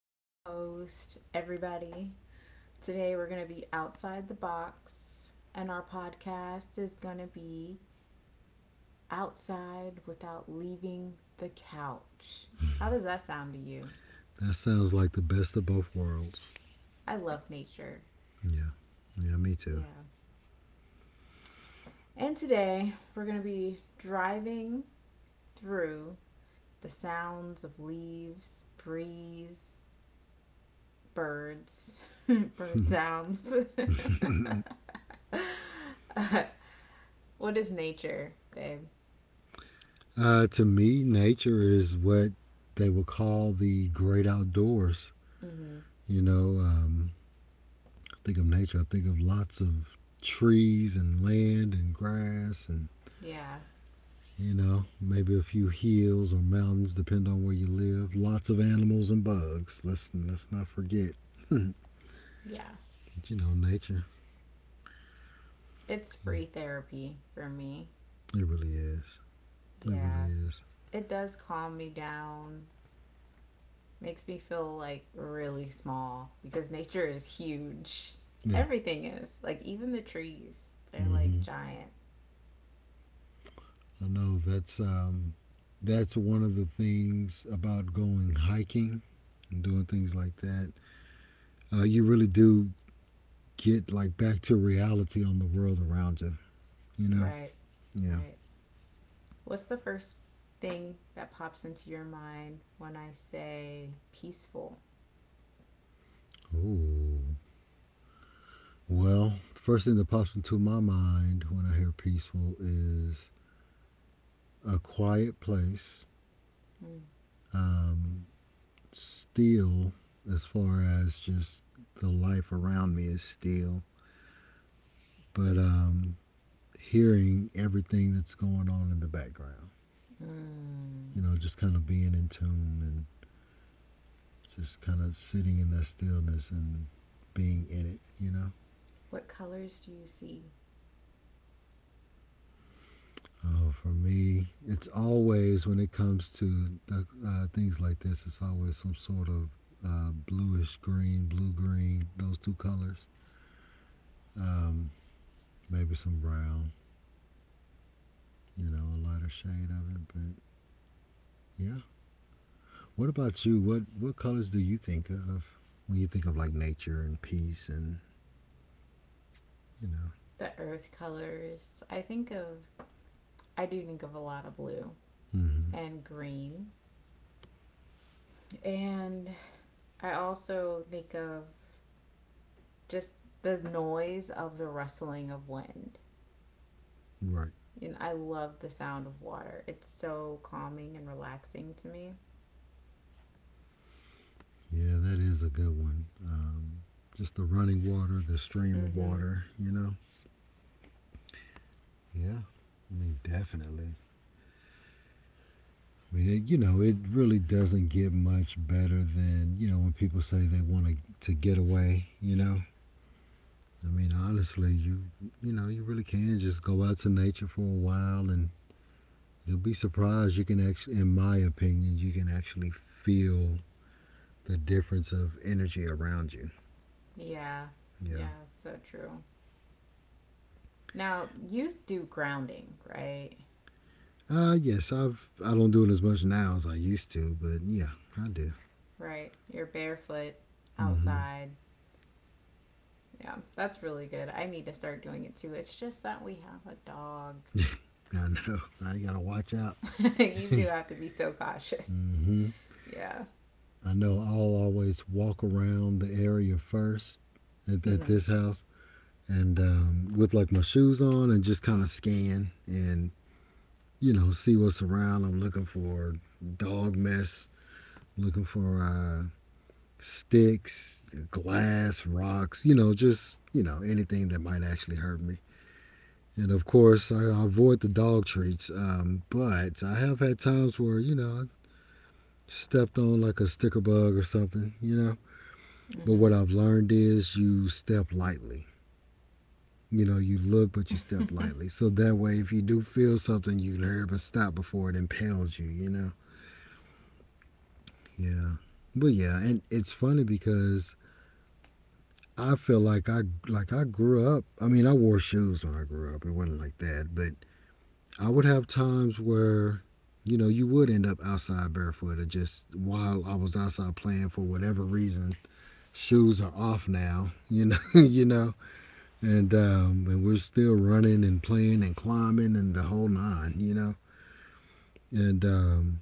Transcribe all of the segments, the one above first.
co host, everybody. Today we're going to be outside the box, and our podcast is going to be outside without leaving the couch. How does that sound to you? That sounds like the best of both worlds. I love nature. Yeah. Yeah, me too. Yeah. And today we're going to be driving through the sounds of leaves, breeze, birds, bird sounds. Uh, what is nature, babe? To me, nature is what they would call the great outdoors. Mm-hmm. You know, um, I think of nature, I think of lots of trees and land and grass and Yeah, you know, maybe a few hills or mountains, depending on where you live. Lots of animals and bugs. Let's not forget. yeah. But, you know, nature. It's free therapy for me. It really is. It really Yeah. is. It does calm me down, makes me feel like really small because nature is huge. Yeah. Everything is. Like, even the trees, they're like Mm-hmm. giant. I know that's that's one of the things about going hiking and doing things like that. You really do get like back to reality on the world around you. You know? Right, Yeah. right. What's the first thing that pops into your mind when I say peaceful? Oh. Well, the first thing that pops into my mind when I hear peaceful is a quiet place, Mm. um, still, as far as just the life around me is still. But Hearing everything that's going on in the background. Mm. You know, just kind of being in tune and just kind of sitting in that stillness and being in it, you know? What colors do you see? Oh, for me, it's always when it comes to things like this, it's always some sort of bluish green, blue green, those two colors. Um, Maybe some brown, you know, a lighter shade of it. But yeah, what about you? What colors do you think of when you think of like nature and peace and you know. The earth colors. I do think of a lot of blue Mm-hmm. and green. And I also think of just the noise of the rustling of wind. Right. And I love the sound of water. It's so calming and relaxing to me. Yeah, that is a good one. Just the running water, the stream of Mm-hmm. water. You know. Yeah. I mean, definitely. I mean, it, you know, it really doesn't get much better than, you know, when people say they want to get away. You know, I mean, honestly, you know, you really can just go out to nature for a while, and you'll be surprised. You can actually, in my opinion, you can actually feel the difference of energy around you. Yeah. Yeah. Yeah, so true. Now, you do grounding, right? Yes, I don't do it as much now as I used to, but yeah, I do. Right? You're barefoot Hmm. outside. Yeah, that's really good. I need to start doing it too. It's just that we have a dog. I know. I gotta watch out. You do have to be so cautious. Hmm. Yeah. I know. I'll always walk around the area first at Mhm. this house, and with like my shoes on, and just kind of scan and you know see what's around. I'm looking for dog mess, looking for sticks, glass, rocks. You know, just you know anything that might actually hurt me. And of course, I avoid the dog treats. But I have had times where, you know, I stepped on like a sticker bug or something, you know. But what Mhm. I've learned is you step lightly. You know, you look, but you step lightly. So that way, if you do feel something, you can hurry up and stop before it impales you, you know? Yeah. But yeah, and it's funny because I feel like I grew up. I mean, I wore shoes when I grew up. It wasn't like that, but I would have times where, you know, you would end up outside barefoot or just while I was outside playing for whatever reason, shoes are off now, you know, you know, and and we're still running and playing and climbing and the whole nine, you know, and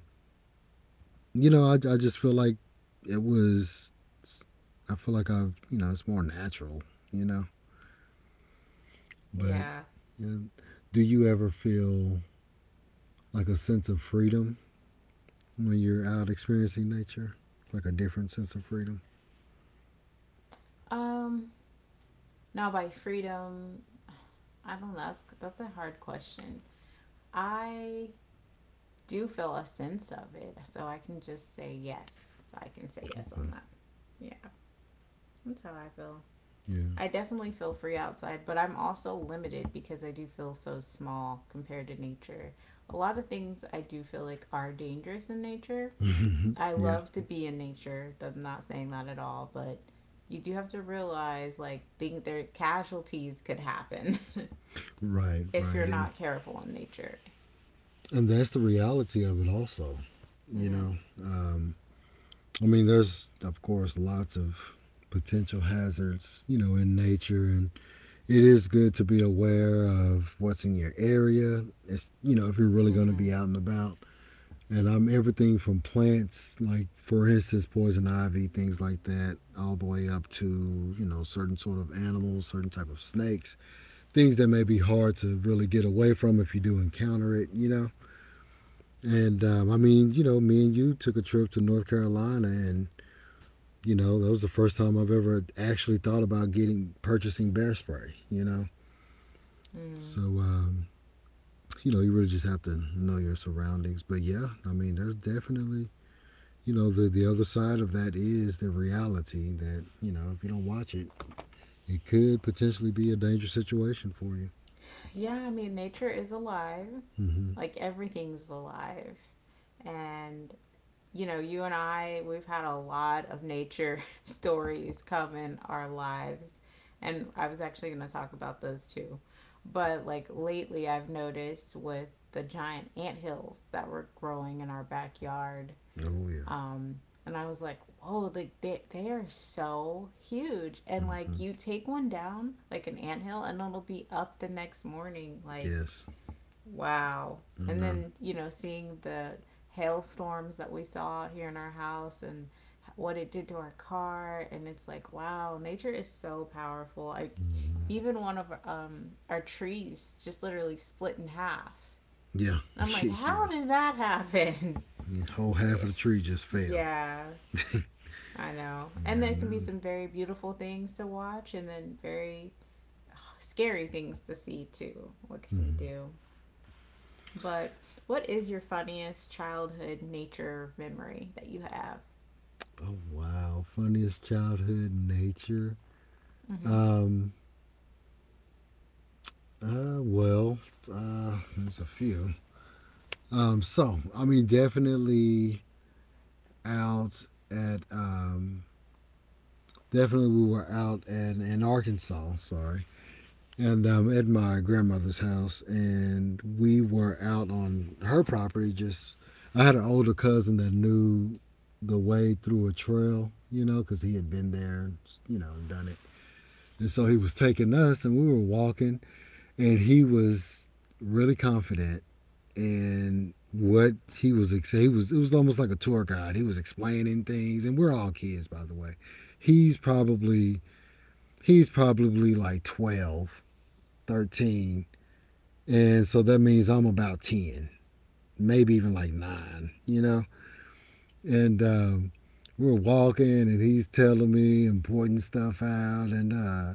you know, I just feel like it was, I feel like I've, you know, it's more natural, you know, but Yeah. you know, do you ever feel like a sense of freedom when you're out experiencing nature, like a different sense of freedom. Um now by freedom, I don't know. That's a hard question. I do feel a sense of it, so I can just say yes. I can say yes Okay. on that. Yeah. That's how I feel. Yeah. I definitely feel free outside, but I'm also limited because I do feel so small compared to nature. A lot of things I do feel like are dangerous in nature. I Yeah. love to be in nature. I'm not saying that at all, but you do have to realize like think their casualties could happen Right, if right. you're And not careful in nature. and that's the reality of it also. You Mm-hmm. know, um, I mean, there's of course lots of potential hazards, you know, in nature, and it is good to be aware of what's in your area. It's you know, if you're really going to Mm-hmm. be out and about. And I'm everything from plants, like for instance, poison ivy, things like that, all the way up to you know certain sort of animals, certain type of snakes, things that may be hard to really get away from if you do encounter it, you know. And I mean, you know, me and you took a trip to North Carolina, and you know that was the first time I've ever actually thought about getting purchasing bear spray, you know. Mm-hmm. So you know, you really just have to know your surroundings. But yeah, I mean, there's definitely you know the other side of that is the reality that you know if you don't watch it it could potentially be a dangerous situation for you. Yeah, I mean nature is alive. Mm-hmm. Like everything's alive. And you know, you and I, we've had a lot of nature stories come in our lives. And I was actually going to talk about those too. But like lately, I've noticed with the giant ant hills that were growing in our backyard. Oh yeah. Um, and I was like, whoa, like they are so huge. And Mm-hmm. like you take one down, like an anthill, and it'll be up the next morning. Like Yes. wow. I And know. then, you know, seeing the hailstorms that we saw out here in our house and what it did to our car and it's like, wow, nature is so powerful. Like Mm-hmm. even one of our trees just literally split in half. Yeah. And I'm like, Yeah. how did that happen? The whole half of the tree just fell. Yeah, I know. And Yeah, I there can be know. some very beautiful things to watch and then very ugh, scary things to see too. What it can Mm-hmm. do. But what is your funniest childhood nature memory that you have? Oh wow. Funniest childhood nature. um uh well there's a few. So I mean definitely out at definitely we were out in Arkansas, sorry, and at my grandmother's house, and we were out on her property. Just I had an older cousin that knew the way through a trail, you know, because he had been there, and, you know, and done it. And so he was taking us, and we were walking, and he was really confident in what he was. He was. It was almost like a tour guide. He was explaining things, and we're all kids, by the way. He's probably he's probably like 12, 13. And so that means I'm about 10, maybe even like nine, you know? And We're walking and he's telling me important stuff out.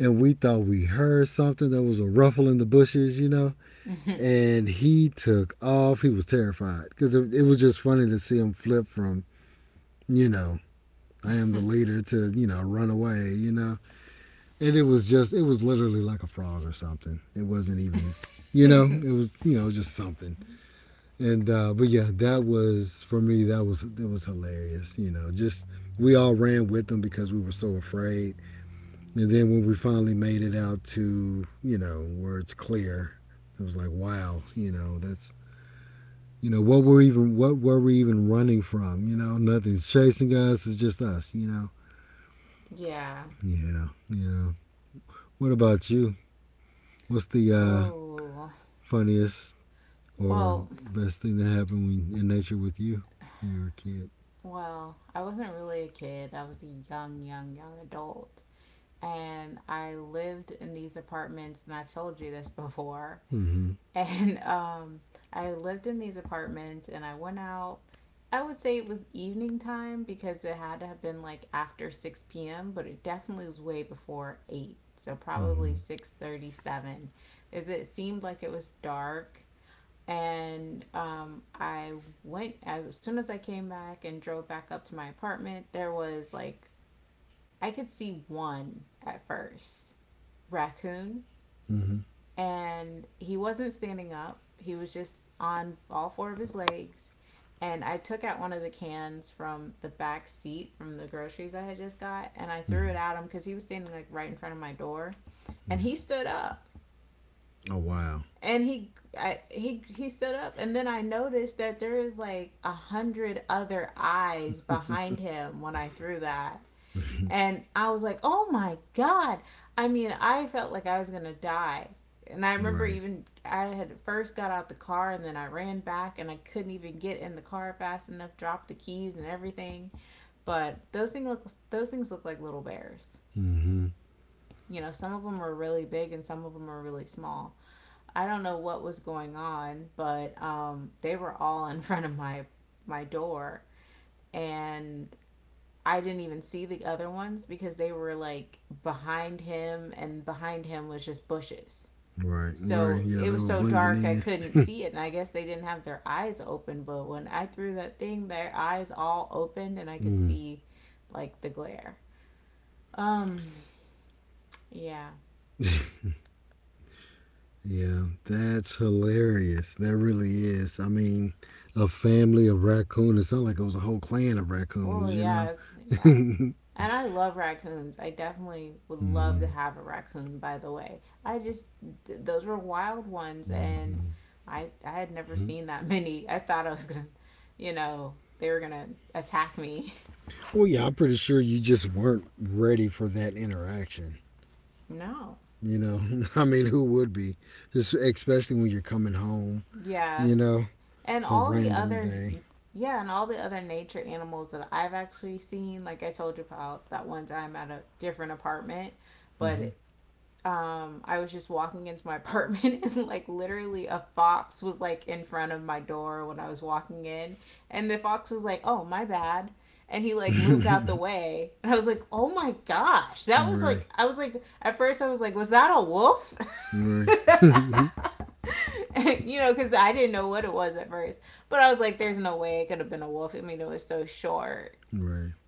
And we thought we heard something. There was a ruffle in the bushes, you know? Mm-hmm. And he took off. He was terrified because it was just funny to see him flip from, you know, I am the leader to, you know, run away, you know? And it was just it was literally like a frog or something. It wasn't even you know it was you know just something. And but yeah, that was for me that was hilarious. You know, just we all ran with them because we were so afraid. And then when we finally made it out to you know where it's clear, it was like wow, you know that's you know what were we even running from? You know, nothing's chasing us. It's just us. You know. Yeah. Yeah, yeah. What about you? What's the Oh. funniest or Well, best thing that happened when, in nature with you when you were a kid. well, I wasn't really a kid. I was a young, young, young adult. And I lived in these apartments, and I've told you this before, Mm-hmm. and I lived in these apartments and I went out. I would say it was evening time because it had to have been like after 6 p.m., but it definitely was way before 8. So probably Mm-hmm. 6:37 as it seemed like it was dark and I went as soon as I came back and drove back up to my apartment, there was like I could see one at first raccoon Mm-hmm. and he wasn't standing up. He was just on all four of his legs. And I took out one of the cans from the back seat from the groceries I had just got and I threw Mm-hmm. it at him because he was standing like right in front of my door. And Yeah. he stood up Oh wow. and he I, he stood up and then I noticed that there was like a hundred other eyes behind him when I threw that and I was like, oh my God. I mean, I felt like I was going to die. And I remember Right. even I had first got out the car and then I ran back and I couldn't even get in the car fast enough, dropped the keys and everything. But those things look like little bears. Mm-hmm. You know, some of them were really big and some of them were really small. I don't know what was going on, but they were all in front of my door and I didn't even see the other ones because they were like behind him, and behind him was just bushes. Right. Right. So Yeah, it they was were so blending dark I in. couldn't see it, and I guess they didn't have their eyes open. But when I threw that thing, their eyes all opened, and I could Mm. see like the glare. Um, yeah. Yeah, that's hilarious. That really is. I mean, a family of raccoons. It sounded like it was a whole clan of raccoons. Well, You know. yeah, yeah. Mm-hmm. And I love raccoons. I definitely would love to have a raccoon, by the way. Th- those were wild ones, and Mm-hmm. I had never seen that many. I thought I was going to, you know, they were going to attack me. Well, yeah, I'm pretty sure you just weren't ready for that interaction. No. You know, I mean, who would be? Just especially when you're coming home. Yeah. You know, And it's a all the random other, day. yeah, and all the other nature animals that I've actually seen, like I told you about that one time at a different apartment, Mm-hmm. but I was just walking into my apartment and like literally a fox was like in front of my door when I was walking in. And the fox was like, oh, my bad. And he like moved out the way. And I was like, oh my gosh. That was Right, like, I was like, at first I was like, was that a wolf? right, right. And, you know, because I didn't know what it was at first. But I was like, there's no way it could have been a wolf. I mean, it was so short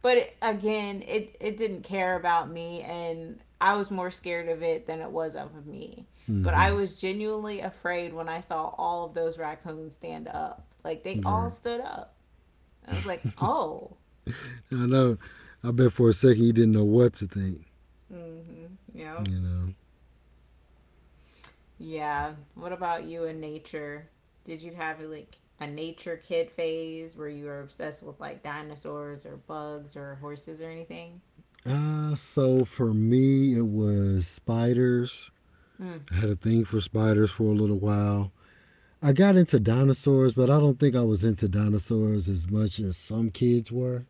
but again, it didn't care about me, and I was more scared of it than it was of me. But I Mm-hmm. was genuinely afraid when I saw all of those raccoons stand up. Like they all Right. stood up, and I was like, oh, I know. I bet for a second you didn't know what to think. mm-hmm, yeah, You know. yeah. What about you in nature? Did you have like a nature kid phase where you were obsessed with like dinosaurs or bugs or horses or anything? So for me, it was spiders. Mm. I had a thing for spiders for a little while. I got into dinosaurs, but I don't think I was into dinosaurs as much as some kids were.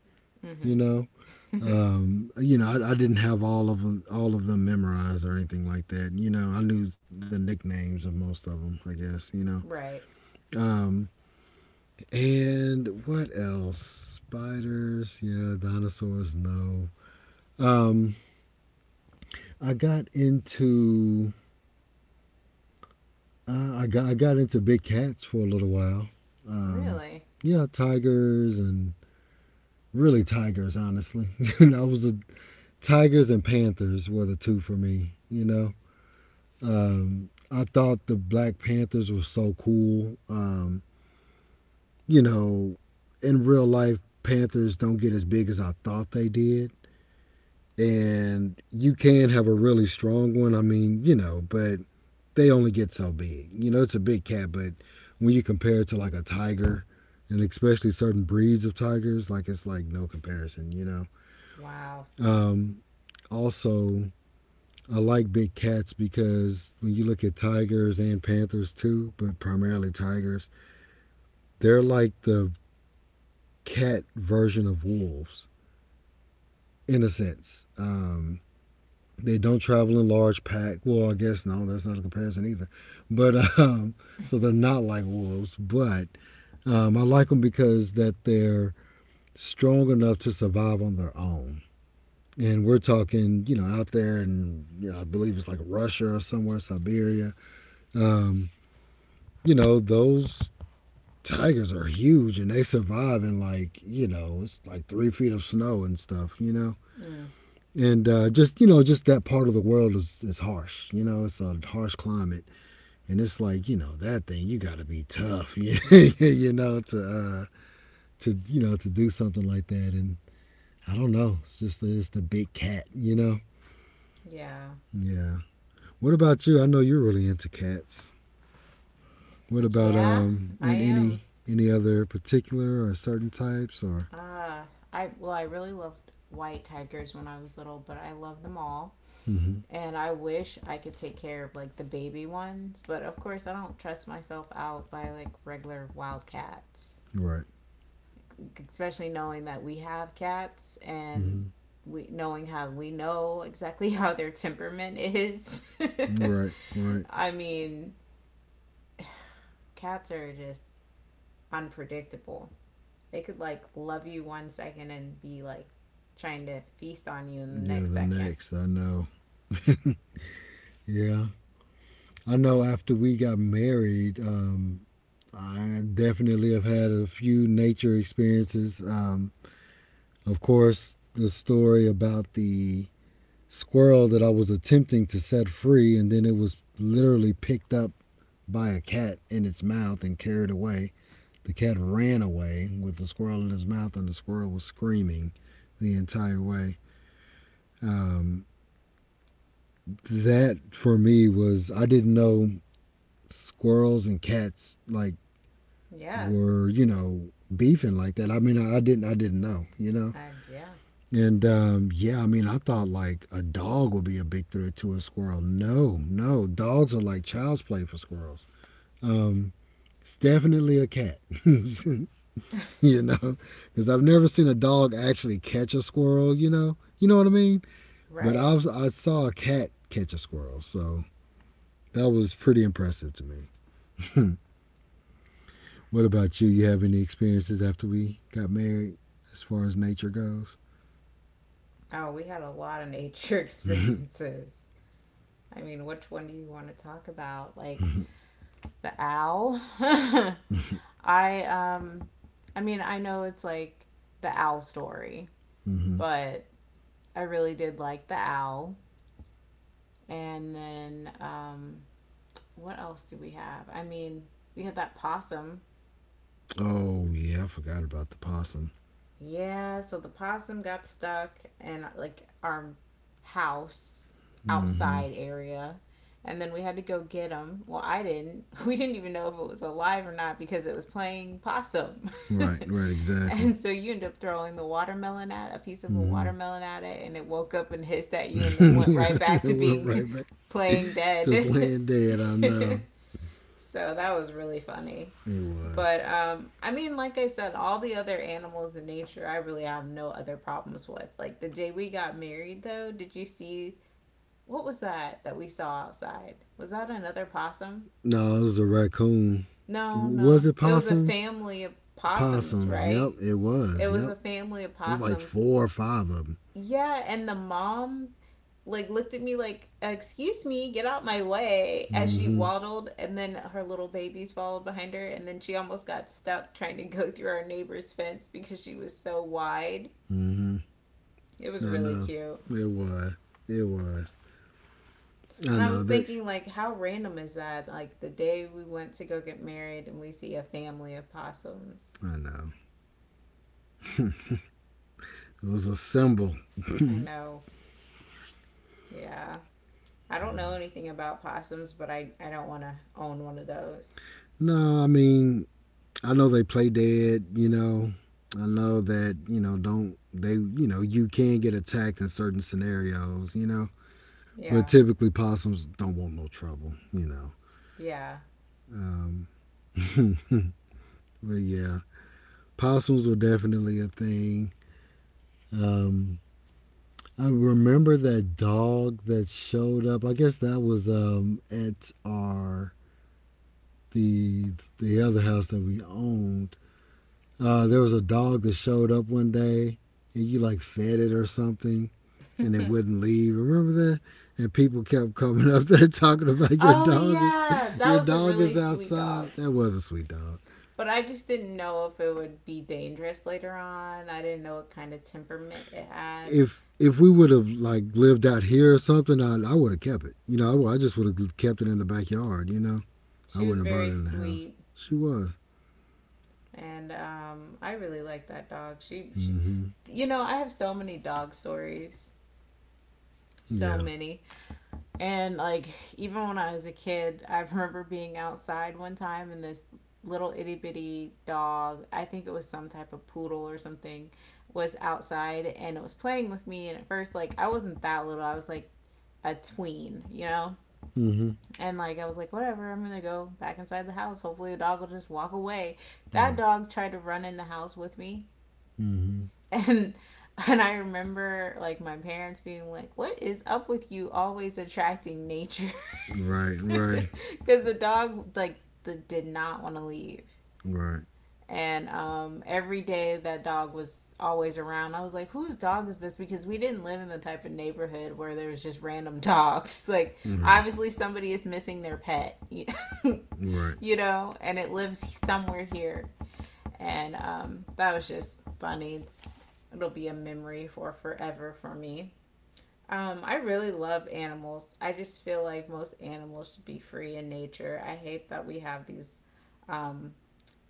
You know. Mm-hmm. You know, I didn't have all of them memorized or anything like that. You know, I knew the nicknames of most of them, I guess. You know, Right. um, and what else? Spiders, yeah, dinosaurs, no. Um, I got into I got into big cats for a little while. Um, Really? yeah, tigers and really tigers. Honestly, that was a tigers and panthers were the two for me. You know. I thought the Black Panthers were so cool. You know, in real life, Panthers don't get as big as I thought they did. And you can have a really strong one. I mean, you know, but they only get so big. You know, it's a big cat, but when you compare it to like a tiger, and especially certain breeds of tigers, like it's like no comparison, you know. Wow. Um, Also, I like big cats because when you look at tigers and panthers too, but primarily tigers, they're like the cat version of wolves in a sense. They don't travel in large pack. Well, I guess no, that's not a comparison either. But so they're not like wolves, but I like them because that they're strong enough to survive on their own. And we're talking, you know, out there, and you know, I believe it's like Russia or somewhere, Siberia. Um, you know, those tigers are huge and they survive in like you know it's like 3 feet of snow and stuff, you know. Mm, And just you know just that part of the world is harsh, you know, it's a harsh climate. And it's like you know that thing you got to be tough you know to you know to do something like that. And I don't know it's just it's the big cat, you know. yeah. Yeah, what about you? I know you're really into cats. What about Yeah, I in am. Any other particular or certain types or Uh, I really loved white tigers when I was little, but I love them all. mm-hmm. And I wish I could take care of like the baby ones, but of course I don't trust myself out by like regular wild cats, Right. especially knowing that we have cats and Mm-hmm. we knowing how we know exactly how their temperament is. Right, right. I mean, cats are just unpredictable. They could like love you 1 second and be like trying to feast on you in the Yeah, next the second. next, I know. Yeah. I know after we got married, I definitely have had a few nature experiences. Of course, the story about the squirrel that I was attempting to set free, and then it was literally picked up by a cat in its mouth and carried away. The cat ran away with the squirrel in his mouth, and the squirrel was screaming the entire way. Um, that for me was I didn't know squirrels and cats like Yeah. were you know beefing like that. I mean, I didn't I didn't know, you know. And yeah. And yeah, I mean, I thought like a dog would be a big threat to a squirrel. No, no, dogs are like child's play for squirrels. Um, it's definitely a cat, you know, because I've never seen a dog actually catch a squirrel. You know what I mean. But Right. I saw a cat catch a squirrel, so that was pretty impressive to me. What about you? You have any experiences after we got married as far as nature goes? Oh, we had a lot of nature experiences. I mean, which one do you want to talk about? Like the owl? I um I mean, I know it's like the owl story, Mm-hmm. but I really did like the owl. And then what else did we have? I mean, we had that possum. Oh, yeah, I forgot about the possum. Yeah, so the possum got stuck in like our house Mm-hmm. outside area. And then we had to go get him. Well, I didn't. We didn't even know if it was alive or not because it was playing possum. Right, right, exactly. And so you end up throwing the watermelon at a piece of a Mm-hmm. watermelon at it, and it woke up and hissed at you, and then went yeah, right back to we're being right back playing to dead. playing dead. I know. So that was really funny. It was. But I mean, like I said, all the other animals in nature, I really have no other problems with. Like the day we got married, though, did you see what was that that we saw outside? Was that another possum? No, it was a raccoon. No, Was no. it It was a possums? family of possums, Possums. Yep, right? it was. It was Yep. a family of It was like possums. four or five of them. Yeah, and the mom like looked at me like, "Excuse me, get out my way!" as she Mm-hmm. waddled, and then her little babies followed behind her, and then she almost got stuck trying to go through our neighbor's fence because she was so wide. Mm-hmm. It was I really know. cute. It was. It was. I And I know was that. thinking, like, how random is that? Like, the day we went to go get married and we see a family of possums. I know. It was a symbol. I know. Yeah. I don't know anything about possums, but I don't want to own one of those. No, I mean, I know they play dead, you know. I know that, you know, don't they, you know, you can get attacked in certain scenarios, you know. But Yeah. typically possums don't want no trouble, you know. Yeah. Um, but yeah, possums were definitely a thing. Um, I remember that dog that showed up. I guess that was at our the the other house that we owned. There was a dog that showed up one day and you like fed it or something and it wouldn't leave. Remember that? And people kept coming up there talking about Oh yeah, that your was a dog is really sweet outside. dog. That was a sweet dog. But I just didn't know if it would be dangerous later on. I didn't know what kind of temperament it had. If we would have like lived out here or something, I would have kept it. You know, I just would have kept it in the backyard. You know, I She was wouldn't have brought very it in the house. sweet, She was. and I really liked that dog. Mm-hmm. You know, I have so many dog stories, so Yeah. many. And like even when I was a kid, I remember being outside one time and this little itty bitty dog, I think it was some type of poodle or something, was outside and it was playing with me. And at first, like, I wasn't that little. I was like a tween, you know? Mm-hmm. And I was like, whatever, I'm gonna go back inside the house. Hopefully the dog will just walk away. That Right. dog tried to run in the house with me Mm-hmm. and and I remember, like, my parents being like, "What is up with you always attracting nature?" Right. Right. Because the did not want to leave. Right. And every day that dog was always around. I was like, whose dog is this? Because we didn't live in the type of neighborhood where there was just random dogs. Like, Right. obviously somebody is missing their pet. Right. You know, and it lives somewhere here. And that was just funny. It'll be a memory for forever for me. I really love animals. I just feel like most animals should be free in nature. I hate that we have um,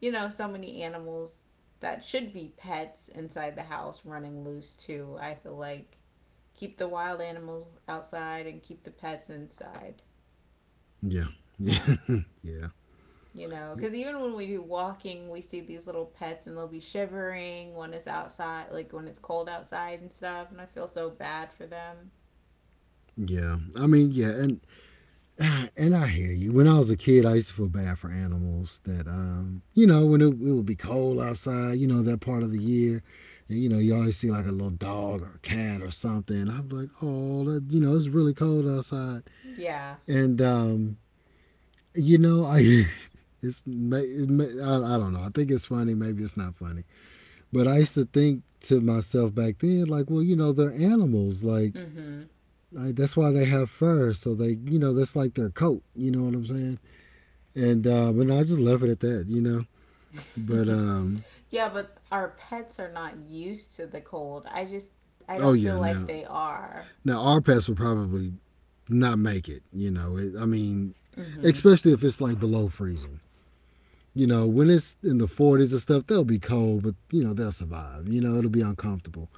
so many animals that should be pets inside the house running loose too. I feel like keep the wild animals outside and keep the pets inside. Yeah. Uh, yeah. Yeah. you know, because even when we do walking, we see these little pets and they'll be shivering when it's outside, like when it's cold outside and stuff. And I feel so bad for them. Yeah. I mean, yeah, and and I hear you. When I was a kid, I used to feel bad for animals that you know, when it would be cold outside, you know, that part of the year, and you know, you always see like a little dog or a cat or something. I'm like, "Oh, that, you know, it's really cold outside." Yeah. And you know, I it's ma- it ma- I don't know. I think it's funny. Maybe it's not funny. But I used to think to myself back then, like, well, you know, they're animals. Like, Mm Like that's why they have fur, so they you know that's like their coat. You know what I'm saying? And but no, I just left it at that. You know. But hmm. Yeah, but our pets are not used to the cold. I oh don't yeah, feel like now they are. now our pets would probably not make it. You know, it, I mean, Mm-hmm. especially if it's like below freezing. You know, when it's in the 40s and stuff, they'll be cold, but you know they'll survive. You know, it'll be uncomfortable.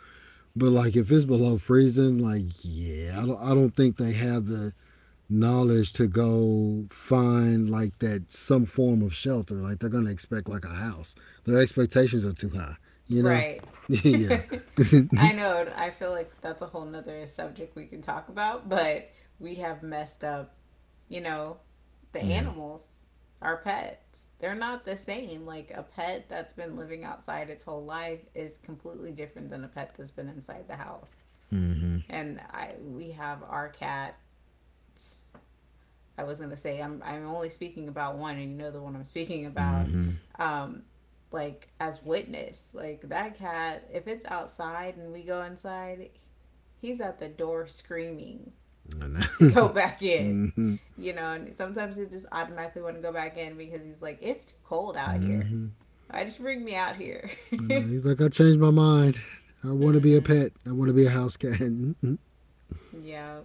But like if it's below freezing, like yeah, I don't think they have the knowledge to go find like that some form of shelter. Like they're gonna expect like a house. Their expectations are too high. You know? Right. yeah. I know. I feel like that's a whole nother subject we can talk about, but we have messed up, you know, the Yeah. animals, our pets. They're not the same. Like a pet that's been living outside its whole life is completely different than a pet that's been inside the house. Mm-hmm. And I We have our cats. I was gonna say I'm only speaking about one, and you know the one I'm speaking about. Mm-hmm. Um, like, as witness, like that cat. If it's outside and we go inside, he's at the door screaming I know. to go back in. mm-hmm. You know, and sometimes he just automatically want to go back in because he's like, it's too cold out here. Mm-hmm. I just bring me out here. I know. He's like, I changed my mind. I want to be a Mm-hmm. pet. I want to be a house cat. Yeah.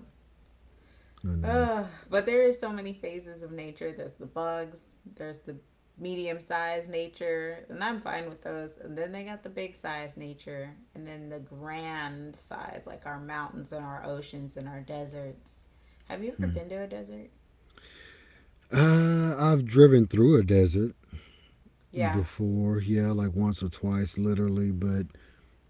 I know. But there is so many phases of nature. There's the bugs. There's the medium sized nature, and I'm fine with those. And then they got the big size nature, and then the grand size, like our mountains and our oceans and our deserts. Have you ever Hmm. been to a desert? I've driven through a desert Yeah, before, yeah, like once or twice, literally, but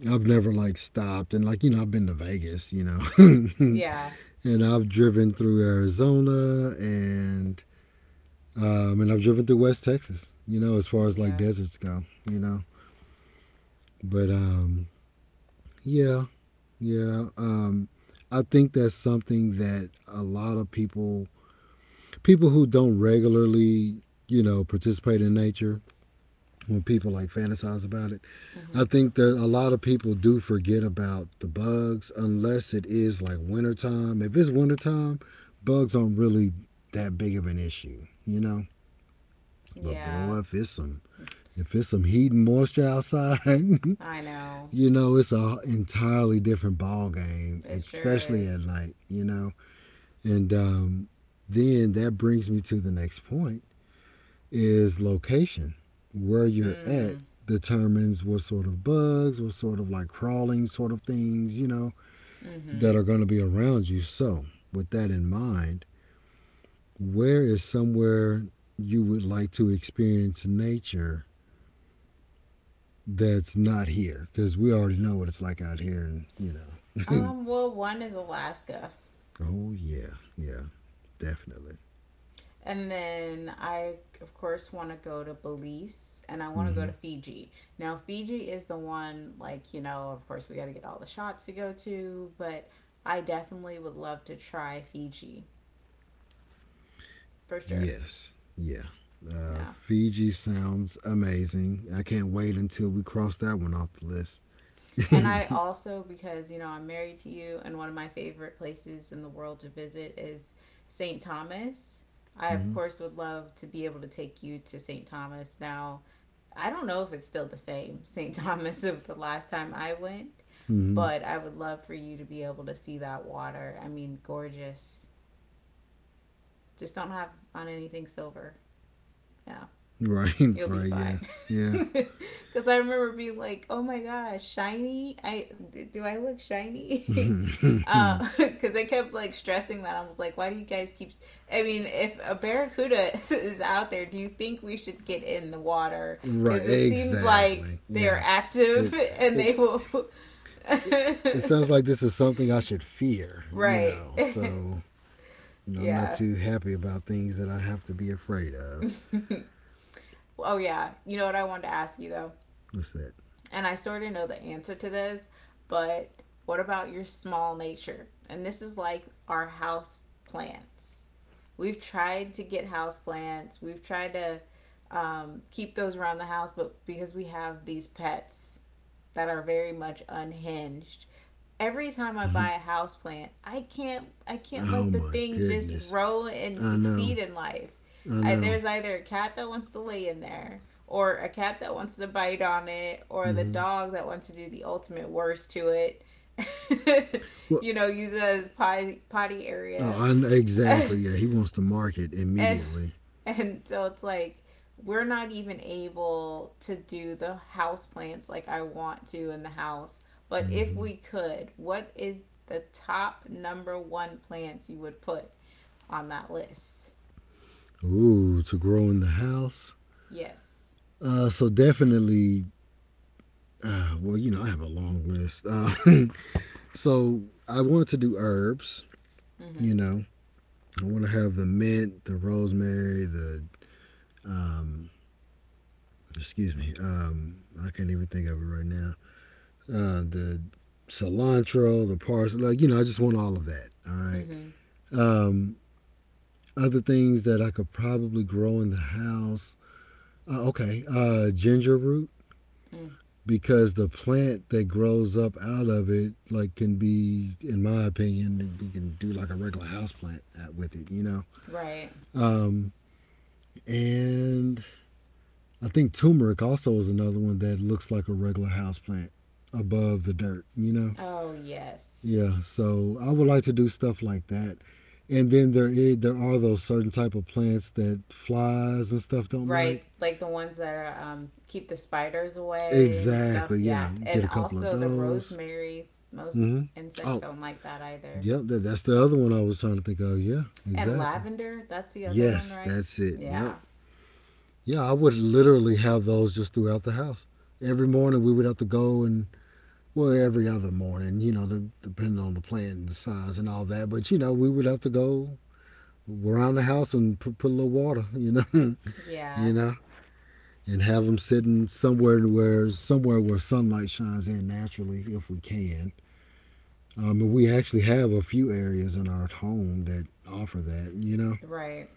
I've never like stopped. And like, you know, I've been to Vegas, you know, yeah, and I've driven through Arizona and I've driven through West Texas. You know, as far as like yeah, deserts go, you know. But yeah, yeah. I think that's something that a lot of people, people who don't regularly, you know, participate in nature, when people like fantasize about it, mm-hmm. I think that a lot of people do forget about the bugs unless it is like wintertime. If it's wintertime, bugs aren't really that big of an issue, you know? But Yeah. boy, if it's some heat and moisture outside, I know. you know it's a entirely different ball game, It sure especially at is. night. You know, and then that brings me to the next point: is location. Where you're at Mm. determines what sort of bugs, what sort of like crawling sort of things, you know, Mm-hmm. that are going to be around you. So, with that in mind, where is somewhere you would like to experience nature that's not here because we already know what it's like out here, and you know. Well, one is Alaska. oh yeah, yeah, definitely. And then of course, want to go to Belize and I want to go to Hmm. Fiji. Now, Fiji is the one, like, you know, of course, we got to get all the shots to go to, but I definitely would love to try Fiji for sure. Yes, yeah. Yeah. Fiji sounds amazing. I can't wait until we cross that one off the list. And I also, because, you know, I'm married to you, and one of my favorite places in the world to visit is St. Thomas. I, of hmm. course, would love to be able to take you to St. Thomas. Now, I don't know if it's still the same St. Thomas of the last time I went, Hmm. but I would love for you to be able to see that water. I mean, gorgeous. Just don't have on anything silver. Yeah, Right, you'll be right, yeah, fine. yeah. Because I remember being like, oh my gosh, shiny. I Do I look shiny? Because I kept like stressing. That I was like, why do you guys keep? I mean, if a barracuda is out there, do you think we should get in the water? right, Because it seems like exactly. they are Yeah, it active and it they will. it sounds like this is something I should fear, you Right. know. So you know, I'm not Yeah. too happy about things that I have to be afraid of. Oh yeah. You know what I wanted to ask you though. What's that? And I sort of know the answer to this, but what about your small nature? And this is like our house plants. We've tried to get house plants. We've tried to keep those around the house, but because we have these pets that are very much unhinged, every time I Mm-hmm. buy a house plant, I can't let Oh the my thing just goodness. grow and I know. succeed in life. I know. There's either a cat that wants to lay in there, or a cat that wants to bite on it, or the Mm-hmm. dog that wants to do the ultimate worst to it. Well, You know, use it as potty potty area. oh, exactly. Yeah, he wants to market and immediately. and so it's like we're not even able to do the house plants like I want to in the house. But if Mm-hmm. we could, what is the top number one plants you would put on that list? Ooh, to grow in the house. Yes. So definitely. Well, you know, I have a long list. So I wanted to do herbs. Mm-hmm. You know, I want to have the mint, the rosemary, the um, excuse me. I can't even think of it right now. The cilantro, the parsley. Like you know, I just want all of that. All right. Mm-hmm. Um, Other things that I could probably grow in the house. Okay, ginger root Mm. because the plant that grows up out of it like can be in my opinion you can do like a regular house plant with it, you know. Right. um, and I think turmeric also is another one that looks like a regular house plant above the dirt, you know. Oh yes. Yeah, so I would like to do stuff like that. And there are those certain type of plants that flies and stuff don't Right. like. Like the ones that are, keep the spiders away and stuff. Exactly. Yeah. Yeah, And get a couple of also the those. rosemary. Most Hmm. insects Oh, don't like that either. yep. That's the other one I was trying to think of. Yeah, And exactly. lavender, that's the other one, Yes, right? that's it. Yep. Yeah. Yeah, I would literally have those just throughout the house. Every morning we would have to go and well, every other morning, you know, the, depending on the plant and the size and all that. But you know, we would have to go around the house and put a little water, you know, Yeah. you know, and have them sitting somewhere where sunlight shines in naturally, if we can. And we actually have a few areas in our home that offer that, you know. Right.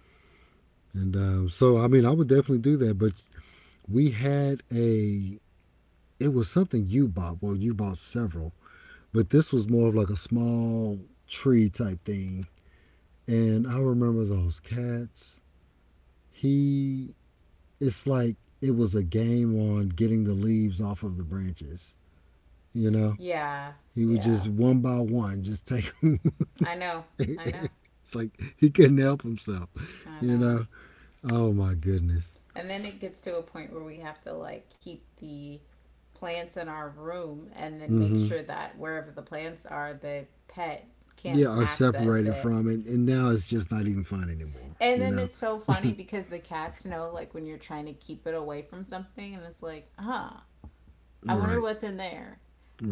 And so, I mean, I would definitely do that. But we had a, it was something you bought. Well, you bought several, but this was more of like a small tree type thing. And I remember those cats. He it's like it was a game on getting the leaves off of the branches. You know, Yeah. he would Yeah. just one by one just take them. I know. I know. it's like he couldn't help himself. I You know. know, oh my goodness. And then it gets to a point where we have to like keep the plants in our room and then make Mm-hmm. sure that wherever the plants are, the pet Yeah, can't are access separated it. from it, and now it's just not even fun anymore. And You then know, it's so funny because the cats know, like, when you're trying to keep it away from something, and it's like, huh, I wonder right, what's in there.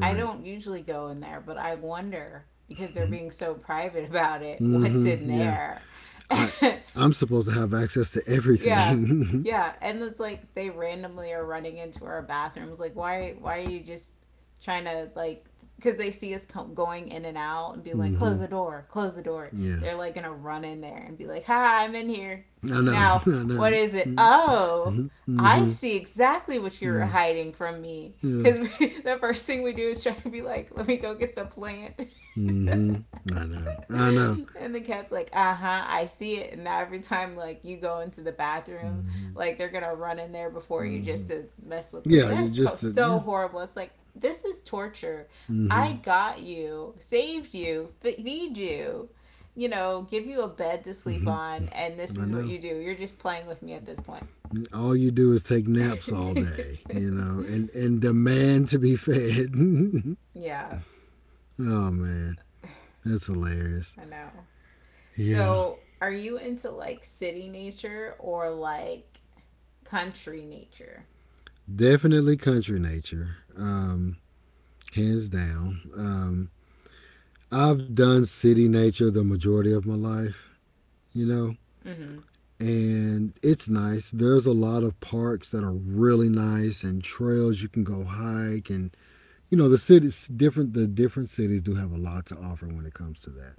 I don't usually go in there, but I wonder, because they're being so private about it, what's in Mm-hmm. Yeah, there. I I'm supposed to have access to Yeah. everything. Yeah. And it's like they randomly are running into our bathrooms. Like, why are you just trying to like, because they see us going in and out and be like, close mm-hmm. the door, close the door. Yeah, They're like gonna run in there and be like, hi, I'm in here. I know, Now, I know. what is it? Mm-hmm. Oh, I Mm-hmm. see exactly what you're Yeah. hiding from me. Yeah. Because the first thing we do is try to be like, let me go get the plant. Mm-hmm. I know. I know. And the cat's like, uh huh, I see it. And now every time like you go into the bathroom, Mm-hmm. like they're gonna run in there before you Mm-hmm. just to mess with them. Yeah. That's so, Just to, so yeah. horrible. It's like this is torture. Mm-hmm. I got you, saved you, feed you, you know, give you a bed to sleep on, Mm-hmm. and this I is what know. you do. You're just playing with me at this point. All you do is take naps all day, you know, and demand to be fed. Yeah, oh man, that's hilarious. I know. Yeah. So, are you into like city nature or like country nature? Definitely country nature. Hands down. I've done city nature the majority of my life. You know, Mm-hmm. and it's nice. There's a lot of parks that are really nice and trails you can go hike, and you know, the cities different, the different cities do have a lot to offer when it comes to that.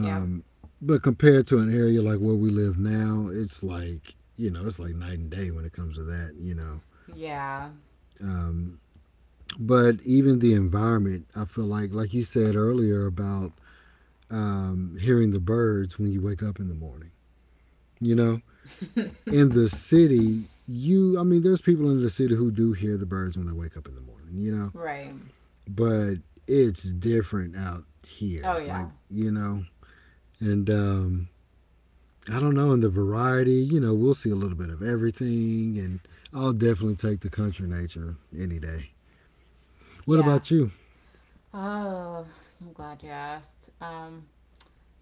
Yep. but compared to an area like where we live now, it's like, you know, it's like night and day when it comes to that. You know, Yeah. um, but even the environment, I feel like you said earlier about hearing the birds when you wake up in the morning. You know, in the city, you I mean, there's people in the city who do hear the birds when they wake up in the morning, you know. Right. But it's different out Oh here, like, yeah. you know, and I don't know. In the variety, you know, we'll see a little bit of everything, and I'll definitely take the country nature any day. What Yeah. about you? Oh, I'm glad you asked.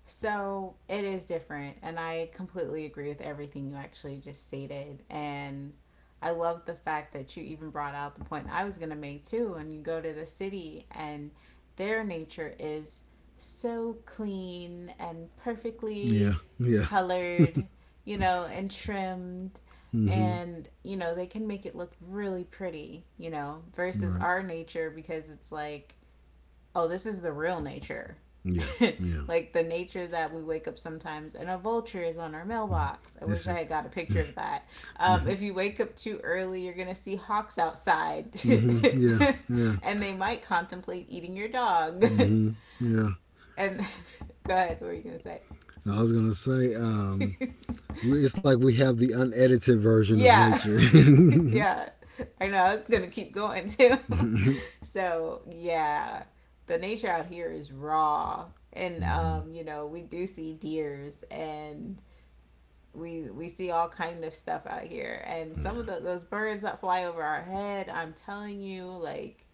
So it is different, and I completely agree with everything you actually just stated. And I love the fact that you even brought out the point I was going to make too. When you go to the city, and their nature is so clean and Yeah, perfectly yeah, colored, you know, and trimmed. mm-hmm, And, you know, they can make it look really pretty, you know, versus right, our nature because it's like, oh, this is the real nature. yeah, yeah. Like the nature that we wake up sometimes and a vulture is on our Mm-hmm. mailbox. I This wish I is, had got a picture of that. If you wake up too early, you're going to see hawks outside mm-hmm, yeah, yeah, and they might contemplate eating your dog. mm-hmm, yeah. And go ahead, what were you going to say? I was gonna say, it's like we have the unedited version of Yeah. nature. Mm-hmm. Yeah, I know. I was gonna keep going too. So yeah, the nature out here is raw, and Mm-hmm. You know, we do see deers and we see all kind of stuff out here, and some of Yeah. Those birds that fly over our head. I'm telling you, like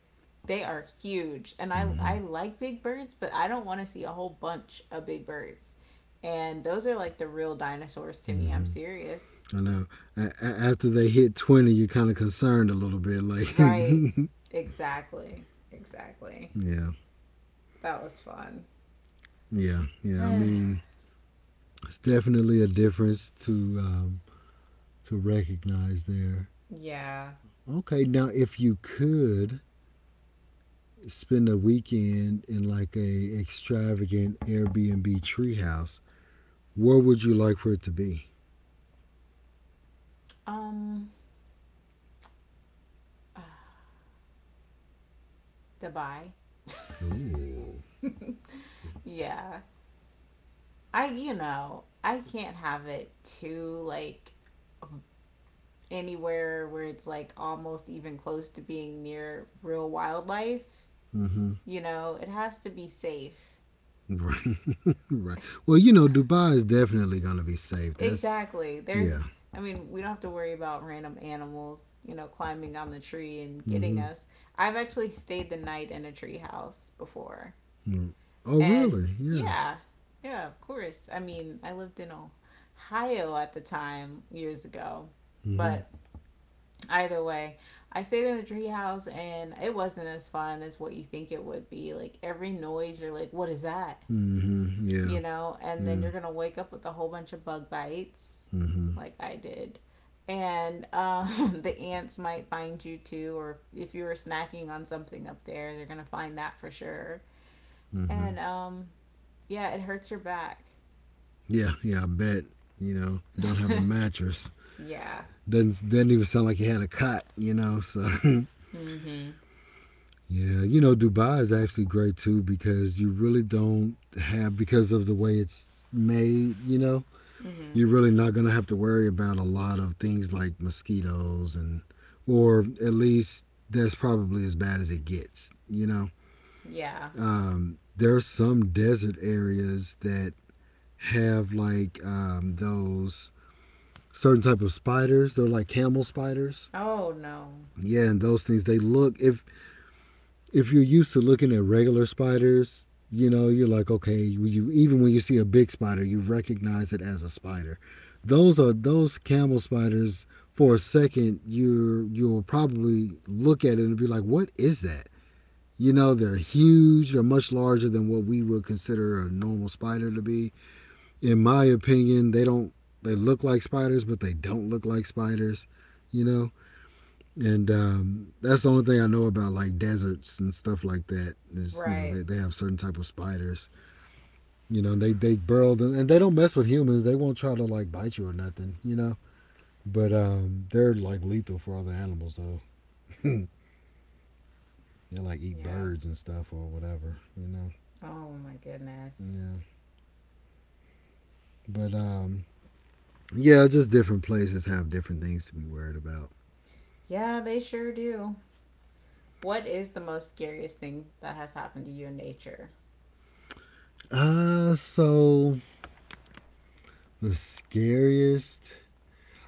they are huge, and Mm-hmm. I like big birds, but I don't want to see a whole bunch of big birds. And those are like the real dinosaurs to me. I'm Mm-hmm. serious. I know. After they hit 20, you're kind of concerned a little bit. Like, Right. Exactly. Exactly. yeah, That was fun. yeah, yeah. I mean, it's definitely a difference um, to recognize there. Yeah. Okay, now if you could spend a weekend in like a extravagant Airbnb treehouse, where would you like for it to be? Um uh, Dubai. Ooh. Yeah. I You know, I can't have it too like anywhere where it's like almost even close to being near real wildlife. Mm-hmm. You know, it has to be safe. Right. Right. Well, you know, Dubai is definitely going to be safe. That's, Exactly. There's, yeah. I mean, we don't have to worry about random animals, you know, climbing on the tree and getting Mm-hmm. us. I've actually stayed the night in a tree house before. Mm. Oh, And really? Yeah. yeah, yeah, of course. I mean, I lived in Ohio at the time years ago. Mm-hmm. But either way, I stayed in a treehouse and it wasn't as fun as what you think it would be. Like every noise, you're like, what is that? Mm-hmm. Yeah. You know, and then Yeah. you're going to wake up with a whole bunch of bug bites, Mm-hmm. like I did. And the ants might find you too, or if you were snacking on something up there, they're going to find that for sure. Mm-hmm. And yeah, it hurts your back. Yeah. Yeah, I bet. You know, don't have a mattress. Yeah. Doesn't even sound like you had a cot. You know. So. Mm hmm. Yeah. You know, Dubai is actually great too because you really don't have, because of the way it's made. You know, Mm hmm. you're really not going to have to worry about a lot of things like mosquitoes, and or at least that's probably as bad as it gets, you know. Yeah. There are some desert areas that have like those certain type of spiders, they're like camel spiders. Oh, no. Yeah, and those things, they look, if you're used to looking at regular spiders, you know, you're like, okay, you, even when you see a big spider, you recognize it as a spider. Those are those camel spiders. For a second, you'll probably look at it and be like, what is that? You know, they're huge. They're much larger than what we would consider a normal spider to be. In my opinion, they don't. They look like spiders, but they don't look like spiders. You know, and that's the only thing I know about like deserts and stuff like that is, you know, Right. they have certain type of spiders, you know, and they burrow them, and they don't mess with humans, they won't try to like bite you or nothing, you know. But they're like lethal for other animals though. They like eat Yeah. birds and stuff or whatever, you know. Oh, my goodness. Yeah, but yeah, just different places have different things to be worried about. Yeah, they sure do. What is the most scariest thing that has happened to you in nature? So the scariest,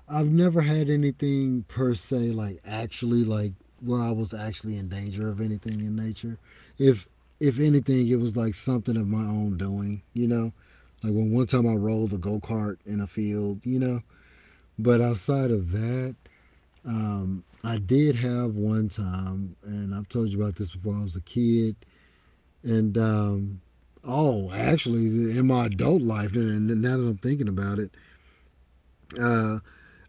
I've never had anything per se, like, actually, like where I was actually in danger of anything in nature. If if anything, it was like something of my own doing, you know. Like, when one time I rolled a go kart in a field, you know. But outside of that, I did have one time, and I've told you about this before. I was a kid, and oh, actually, in my adult life, and now that I'm thinking about it, uh,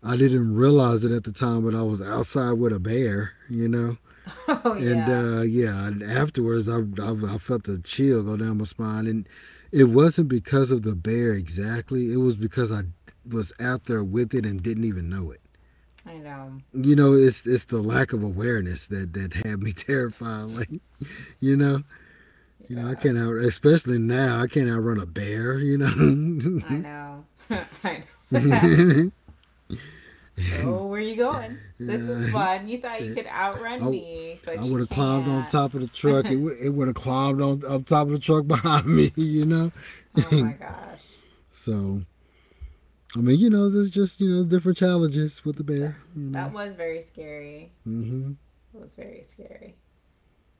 I didn't realize it at the time, but I was outside with a bear, you know. Oh, And yeah. Yeah, afterwards, I felt the chill go down my spine, and it wasn't because of the bear exactly. It was because I was out there with it and didn't even know it. I know. You know, it's the lack of awareness that had me terrified. Like, you know, you know, I Yeah. can't out, especially now, I can't outrun a bear. You I know. know. I know. Oh, where Yeah, you going? This is fun. You thought you yeah, could outrun I, me, I but you would have climbed on can't. top of the truck. It, w- it would have climbed on up top of the truck behind me, you know? Oh my gosh. So, I mean, you know, there's just, you know, different challenges with the That, bear, you know? that was very scary. Hmm. It was very scary.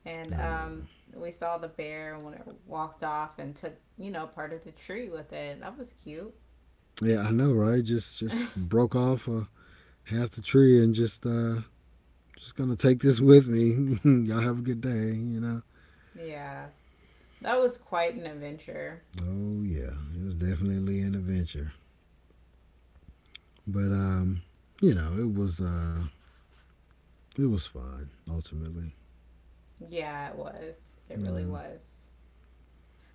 And I know. We saw the bear when it walked off and took, you know, part of the tree with it. That was cute. Yeah, I know, right? Just broke off half the tree and just gonna take this with me. Y'all have a good day, you know. Yeah. That was quite an adventure. Oh yeah, it was definitely an adventure, but you know, it was fun ultimately, Yeah, it was. It you really know. was.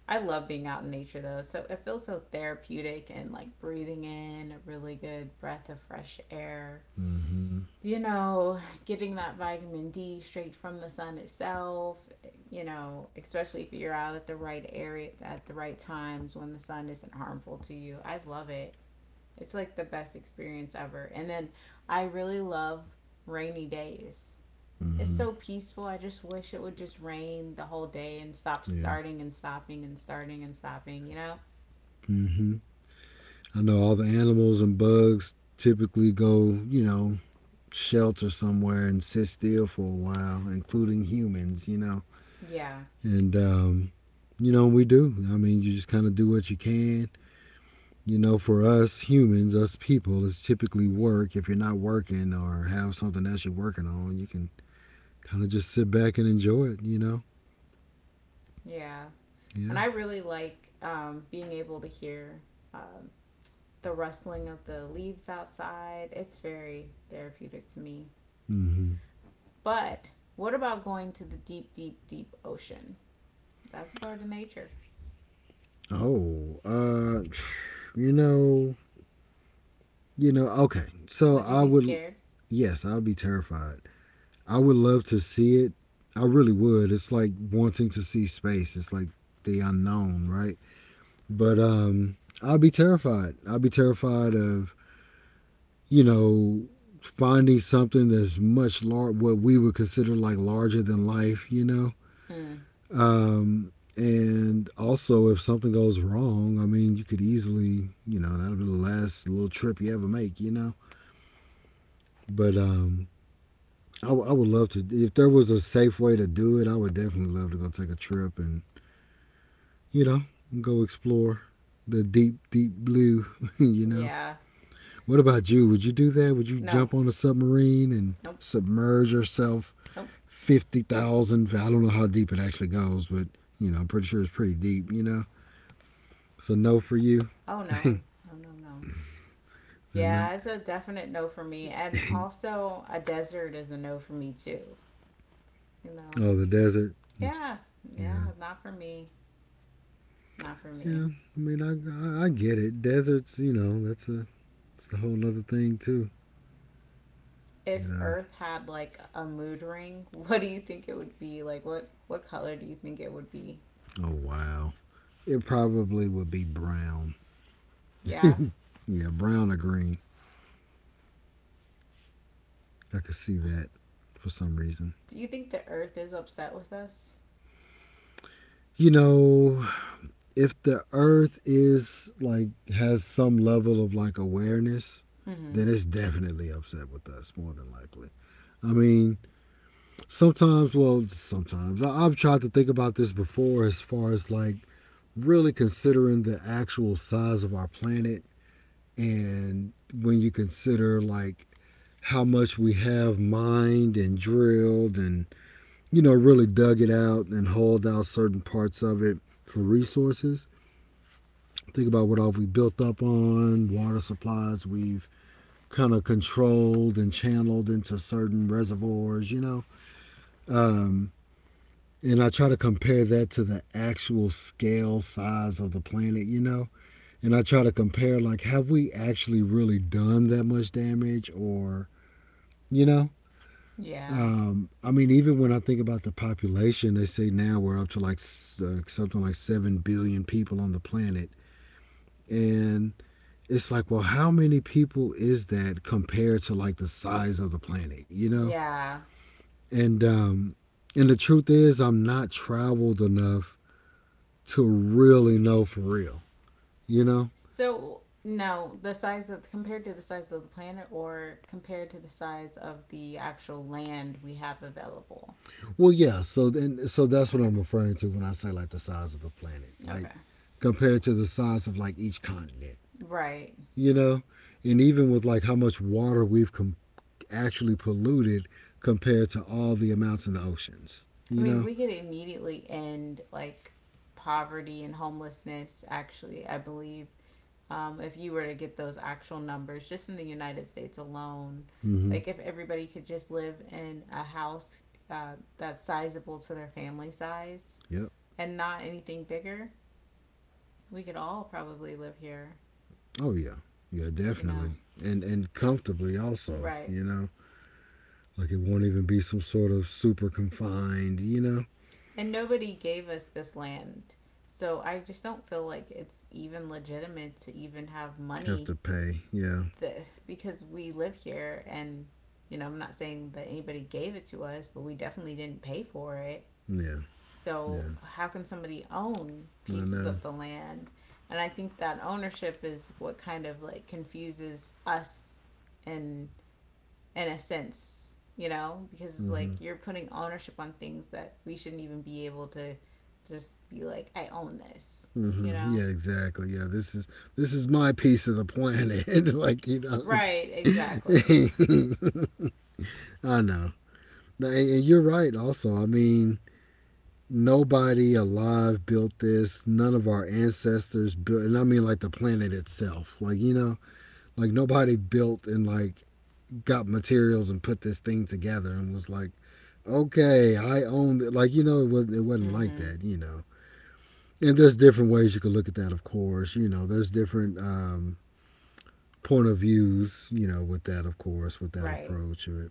I love being out in nature though. So it feels so therapeutic and like breathing in a really good breath of fresh air. Mm hmm. You know, getting that vitamin D straight from the sun itself, you know, especially if you're out at the right area at the right times when the sun isn't harmful to you. I love it. It's like the best experience ever. And then I really love rainy days. It's Mm-hmm. so peaceful. I just wish it would just rain the whole day and stop Yeah. starting and stopping and starting and stopping, you know? Mm-hmm. I know all the animals and bugs typically go, you know, shelter somewhere and sit still for a while, including humans, you know. Yeah, And, you know, we do. I mean, you just kind of do what you can. You know, for us humans, us people, it's typically work. If you're not working or have something else you're working on, you can kind of just sit back and enjoy it, you know? yeah. Yeah. And I really like being able to hear um, the rustling of the leaves outside. It's very therapeutic to me. Mm-hmm. But what about going to the deep, deep, deep ocean? That's a part of nature. Oh, you know, you know, okay. So Would you be scared? yes, I'd be terrified. I would love to see it. I really would. It's like wanting to see space. It's like the unknown, right? But I'd be terrified. I'd be terrified of, you know, finding something that's much large, what we would consider like larger than life, you know? Mm, And also, if something goes wrong, I mean, you could easily, you know, that'll be the last little trip you ever make, you know? But I would love to. If there was a safe way to do it, I would definitely love to go take a trip and, you know, go explore the deep, deep blue, you know. yeah. What about you? Would you do that? Would you No. jump on a submarine and Nope. submerge yourself Nope. 50,000? I don't know how deep it actually goes, but, you know, I'm pretty sure it's pretty deep, you know. So, no for you. Oh, no. And No, no, no. not. Yeah, it's a definite no for me. And also, a desert is a no for me too. You know? Oh, the desert. Yeah. Yeah. Yeah, not for me. Not for me. Yeah. I mean, I get it. Deserts, you know, that's a, it's a whole other thing, too, you If know. Earth had like a mood ring, what do you think it would be? Like what color do you think it would be? Oh wow. It probably would be brown. Yeah. Yeah, brown or green. I could see that for some reason. Do you think the Earth is upset with us? You know, if the earth is like has some level of like awareness, Mhm. then it's definitely upset with us more than likely. I mean, sometimes have tried to think about this before as far as like really considering the actual size of our planet, and when you consider like how much we have mined and drilled and, you know, really dug it out and hauled out certain parts of it for resources. Think about what all we built up on, water supplies we've kind of controlled and channeled into certain reservoirs, you know. um, and I try to compare that to the actual scale size of the planet, you know, and I try to compare like, have we actually really done that much damage? Or you know. Yeah. I mean, even when I think about the population, they say now we're up to like something like 7 billion people on the planet. And it's like, well, how many people is that compared to like the size of the planet, you know? Yeah. And, um, and the truth is, I'm not traveled enough to really know for real, you know? So, no, the size of compared to the size of the planet or compared to the size of the actual land we have available. Well, yeah. So then, so that's what Okay. I'm referring to when I say like the size of the planet, like Okay. compared to the size of like each continent, Right. you know, and even with like how much water we've actually polluted compared to all the amounts in the oceans, I you mean, know. we could immediately end like poverty and homelessness, actually, I believe. If you were to get those actual numbers just in the United States alone, Mm-hmm. like if everybody could just live in a house that's sizable to their family size Yep. and not anything bigger, we could all probably live here, Oh yeah. Yeah, you know? definitely. And comfortably also, Right. you know. Like it won't even be some sort of super confined, you know. And nobody gave us this land. So I just don't feel like it's even legitimate to even have Have money to pay. Yeah. the because we live here and you know, I'm not saying that anybody gave it to us, but we definitely didn't pay for it. Yeah. So, Yeah. how can somebody own I pieces know. of the land? And I think that ownership is what kind of like confuses us in in a sense, you know, because it's Mm-hmm. like you're putting ownership on things that we shouldn't even be able to just be like I own this, you Mm-hmm. know. Yeah, exactly. Yeah, this is my piece of the planet. Like, you Right, exactly. know, I know. And you're right, also. I mean, nobody alive built this. None of our ancestors built, and I mean, like the planet itself. Like, you know, like nobody built and like got materials and put this thing together and was like, okay, I own it. Like, you know, it Mm wasn't like mhm. that, you know. And there's different ways you could look at that, of course. You know, there's different point of views, you know, with that, of course, with that Right. approach.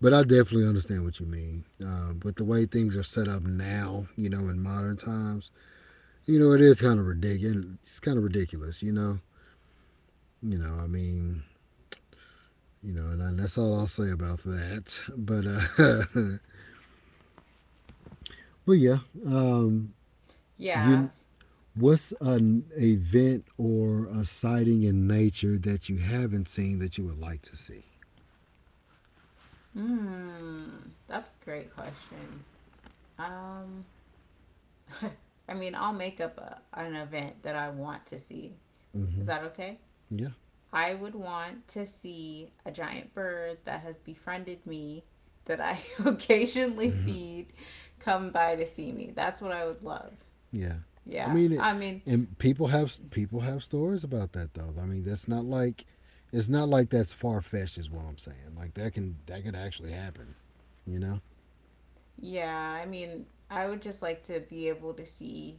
But I definitely understand what you mean. With the way things are set up now, you know, in modern times, you know, it is kind of ridiculous. It's kind of ridiculous, you know. You know, I mean, you know, and that's all I'll say about that. But but yeah, um, Yeah. you. What's an event or a sighting in nature that you haven't seen that you would like to see? Mm, that's a great question. Um, I mean, I'll make up a, an event that I want to see. Is Hmm. that okay? Yeah. I would want to see a giant bird that has befriended me, that I occasionally feed, come by to see me. That's what I would love. Yeah. I Yeah. mean it I mean, and people have stories about that though. I mean that's not like it's not like that's far fetched is what I'm saying. Like that could actually happen, you know? yeah, I mean, I would just like to be able to see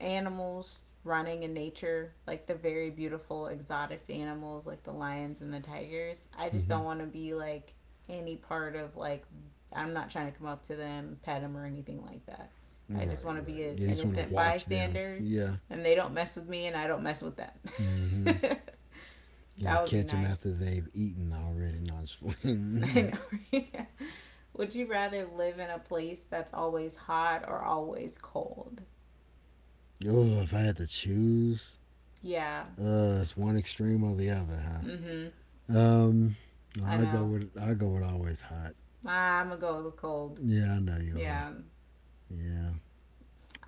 animals running in nature, like the very beautiful exotic animals like the lions and the tigers. I just Mm-hmm. don't want to be like any part of like I'm not trying to come up to them, pet them or anything like that. I just Right, want to right. be an Yeah, you just want to innocent watch them. bystander Yeah. and they don't mess with me and I don't mess with Mm-hmm. them. You got to That would be catch them after nice. they've eaten already. No, just I know. Would you rather live in a place that's always hot or always cold? oh, if I had to choose, Yeah. It's one extreme or the other, huh? Mhm. I I go know. with I go with always hot. I'm gonna go with the cold. Yeah, I know you are. Yeah. Yeah,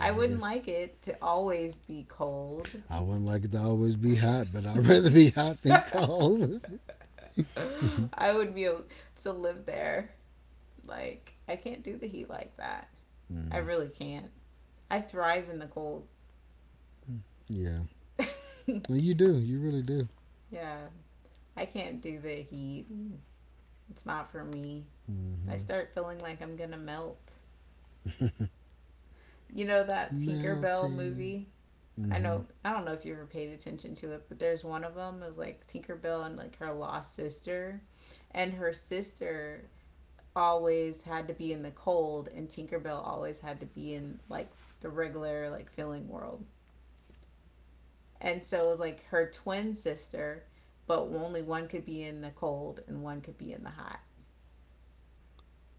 well, I wouldn't guess like it to always be cold. I wouldn't like it to always be hot, but I'd rather be hot than cold. I would be able to live there. Like, I can't do the heat like that. I mm, really can't. I thrive in the cold. yeah. Well, you do. You really do. Yeah. I can't do the heat. It's not for me. I Mm-hmm. start feeling like I'm gonna melt. You know that Tinkerbell Melting. movie? I Mm-hmm. know I don't know if you ever paid attention to it, but there's one of them. It was like Tinkerbell and like her lost sister, and her sister always had to be in the cold, and Tinkerbell always had to be in like the regular like feeling world. And so it was like her twin sister, but only one could be in the cold and one could be in the hot.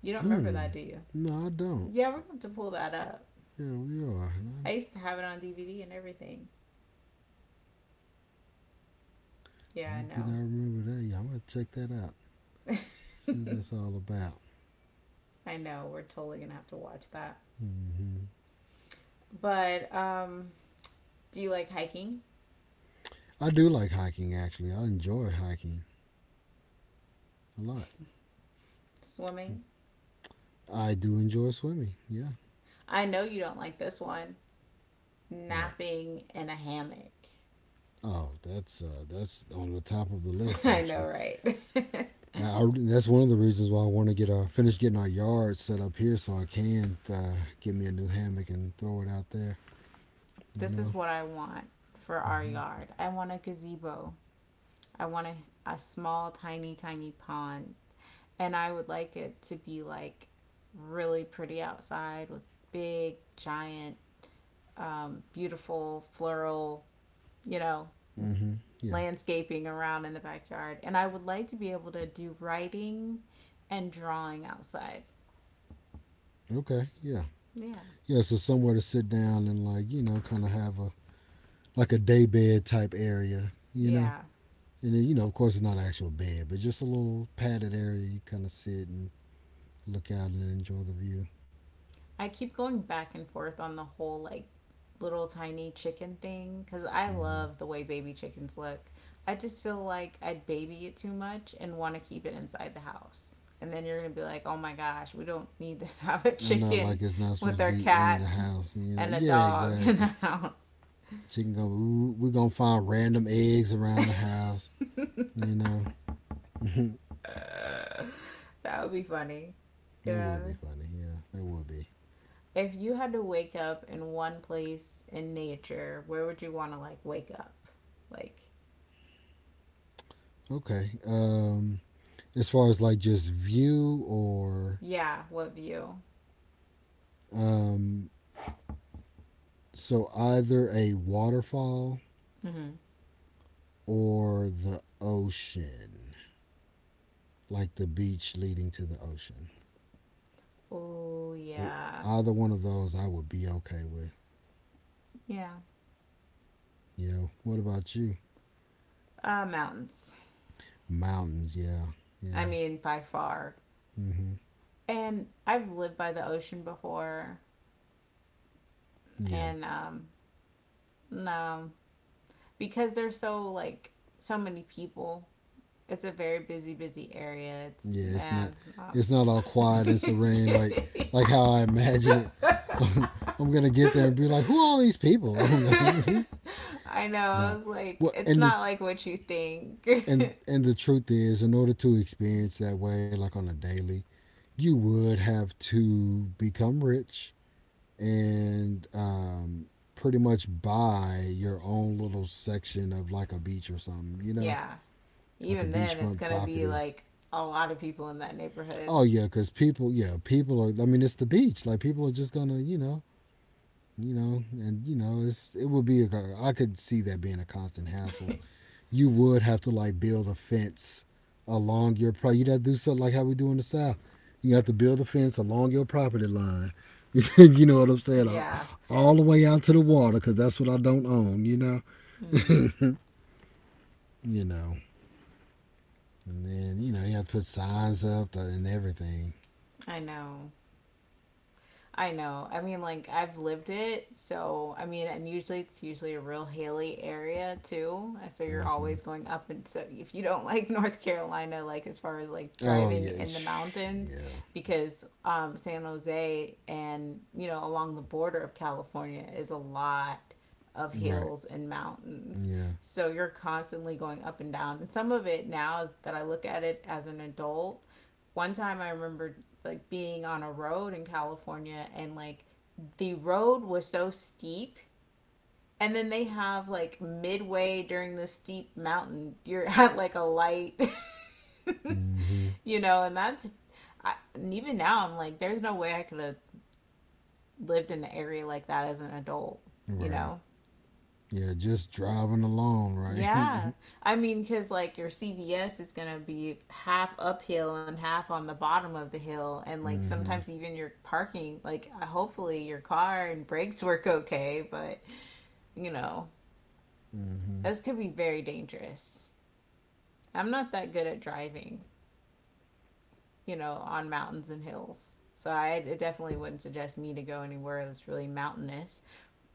You don't remember Hmm. that, do you? No, I don't. Yeah, we're gonna have to pull that up. Yeah, we are. I used to have it on DVD and everything. Yeah, Yeah, I I did know. not remember that. Yeah, I'm going to check that out. See what that's all about. I know. We're totally gonna have to watch that. Mm-hmm. But do you like hiking, I do like hiking, actually. I enjoy hiking a lot. swimming? I do enjoy swimming. Yeah. I know you don't like this one. Right. Napping in a hammock. Oh, that's on the top of the list, I know, actually. right? That's one of the reasons why I want to get our finish getting our yard set up here so I can get me a new hammock and throw it out there. You This is know. what I want for our Mm-hmm. yard. I want a gazebo. I want a small, tiny, tiny pond. And I would like it to be like really pretty outside with big, giant, beautiful floral, you know, Mm-hmm. Yeah. landscaping around in the backyard, and I would like to be able to do writing and drawing outside. Okay. Yeah. Yeah. Yeah. So somewhere to sit down and like you know kind of have a like a day bed type area. You know. Yeah. And then you know of course it's not an actual bed but just a little padded area you kind of sit and look out and enjoy the view. I keep going back and forth on the whole like little tiny chicken thing because I Mm-hmm. love the way baby chickens look. I just feel like I'd baby it too much and want to keep it inside the house. And then you're going to be like, oh my gosh, we don't need to have a I know chicken like it's not supposed with to our be in the cats house. You know. and a Yeah. dog in the Exactly. house. Chicken can go. We're gonna find random eggs around the house. You know, that That would be funny. would Yeah. be funny. Yeah, that would be If you had to wake up in one place in nature, where would you want to like wake up? Like, okay. As far as like just view or yeah, what view? um, so either a waterfall Mm-hmm. or the ocean, like the beach leading to the ocean. Oh, yeah. Either one of those, I would be okay with. Yeah. Yeah. What about you? Mountains. Mountains. Yeah. I Yeah. mean, by far. Mm-hmm. And I've lived by the ocean before, Yeah. and no, because there's so like so many people. It's a very busy, busy area. It's Yeah, and it's not all quiet and serene like how I imagine it. I'm gonna get there and be like, who are all these people? I know. I nah. was like, Well, it's and the not like what you think. and and the truth is, in order to experience that way, like on a daily, you would have to become rich and pretty much buy your own little section of like a beach or something. You know, Yeah. like a Even then, it's beachfront going to be property. like a lot of people in that neighborhood. Oh yeah, because people, yeah, people are. I mean, it's the beach. Like people are just gonna, you know, and you know, it's it would be. A, I could see that being a constant hassle. You would have to like build a fence along your property. You'd have to do something like how we do in the south. You have to build a fence along your property line. you know what I'm saying? Yeah. All the way out to the water, because that's what I don't own. Mm, You know, and then you know you have to put signs up and everything. I know. I know. I mean, like I've lived it, so I mean, and usually it's usually a real hilly area too. So you're Hmm. always going up, and so if you don't like North Carolina, like as far as like Oh driving yeah, in the mountains, yeah, because San Jose and you know along the border of California is a lot of right. hills and mountains. Yeah. So you're constantly going up and down, and some of it now is that I look at it as an adult one time I remember like being on a road in California and like the road was so steep and then they have like midway during the steep mountain you're at like a light Hmm. you know and that's I, and even now I'm like there's no way I could have lived in an area like that as an adult you Right. know. Yeah, just driving alone, right? Yeah. Hmm. I mean, because like your CVS is going to be half uphill and half on the bottom of the hill. And like sometimes even your parking, like hopefully your car and brakes work okay. But, you know, Hmm. this could be very dangerous. I'm not that good at driving, you know, on mountains and hills. So I definitely wouldn't suggest me to go anywhere that's really mountainous.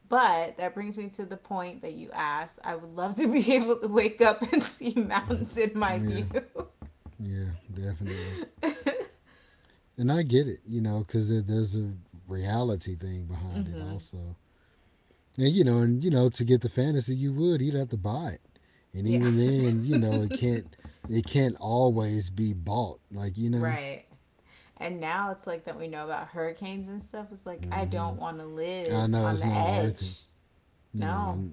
But that brings me to the point that you asked. I would love to be able to wake up and see mountains in my Yeah. view. Yeah, definitely. And I get it, you know, because there's a reality thing behind it Mm-hmm. also. And, you know, to get the fantasy, you would. You'd have to buy it. And Yeah. even then, you know, it can't always be bought. Like, you know, Right. And now it's like that we know about hurricanes and stuff. It's like, I hmm. don't want to I live know on it's the not worth it. edge. You know, No.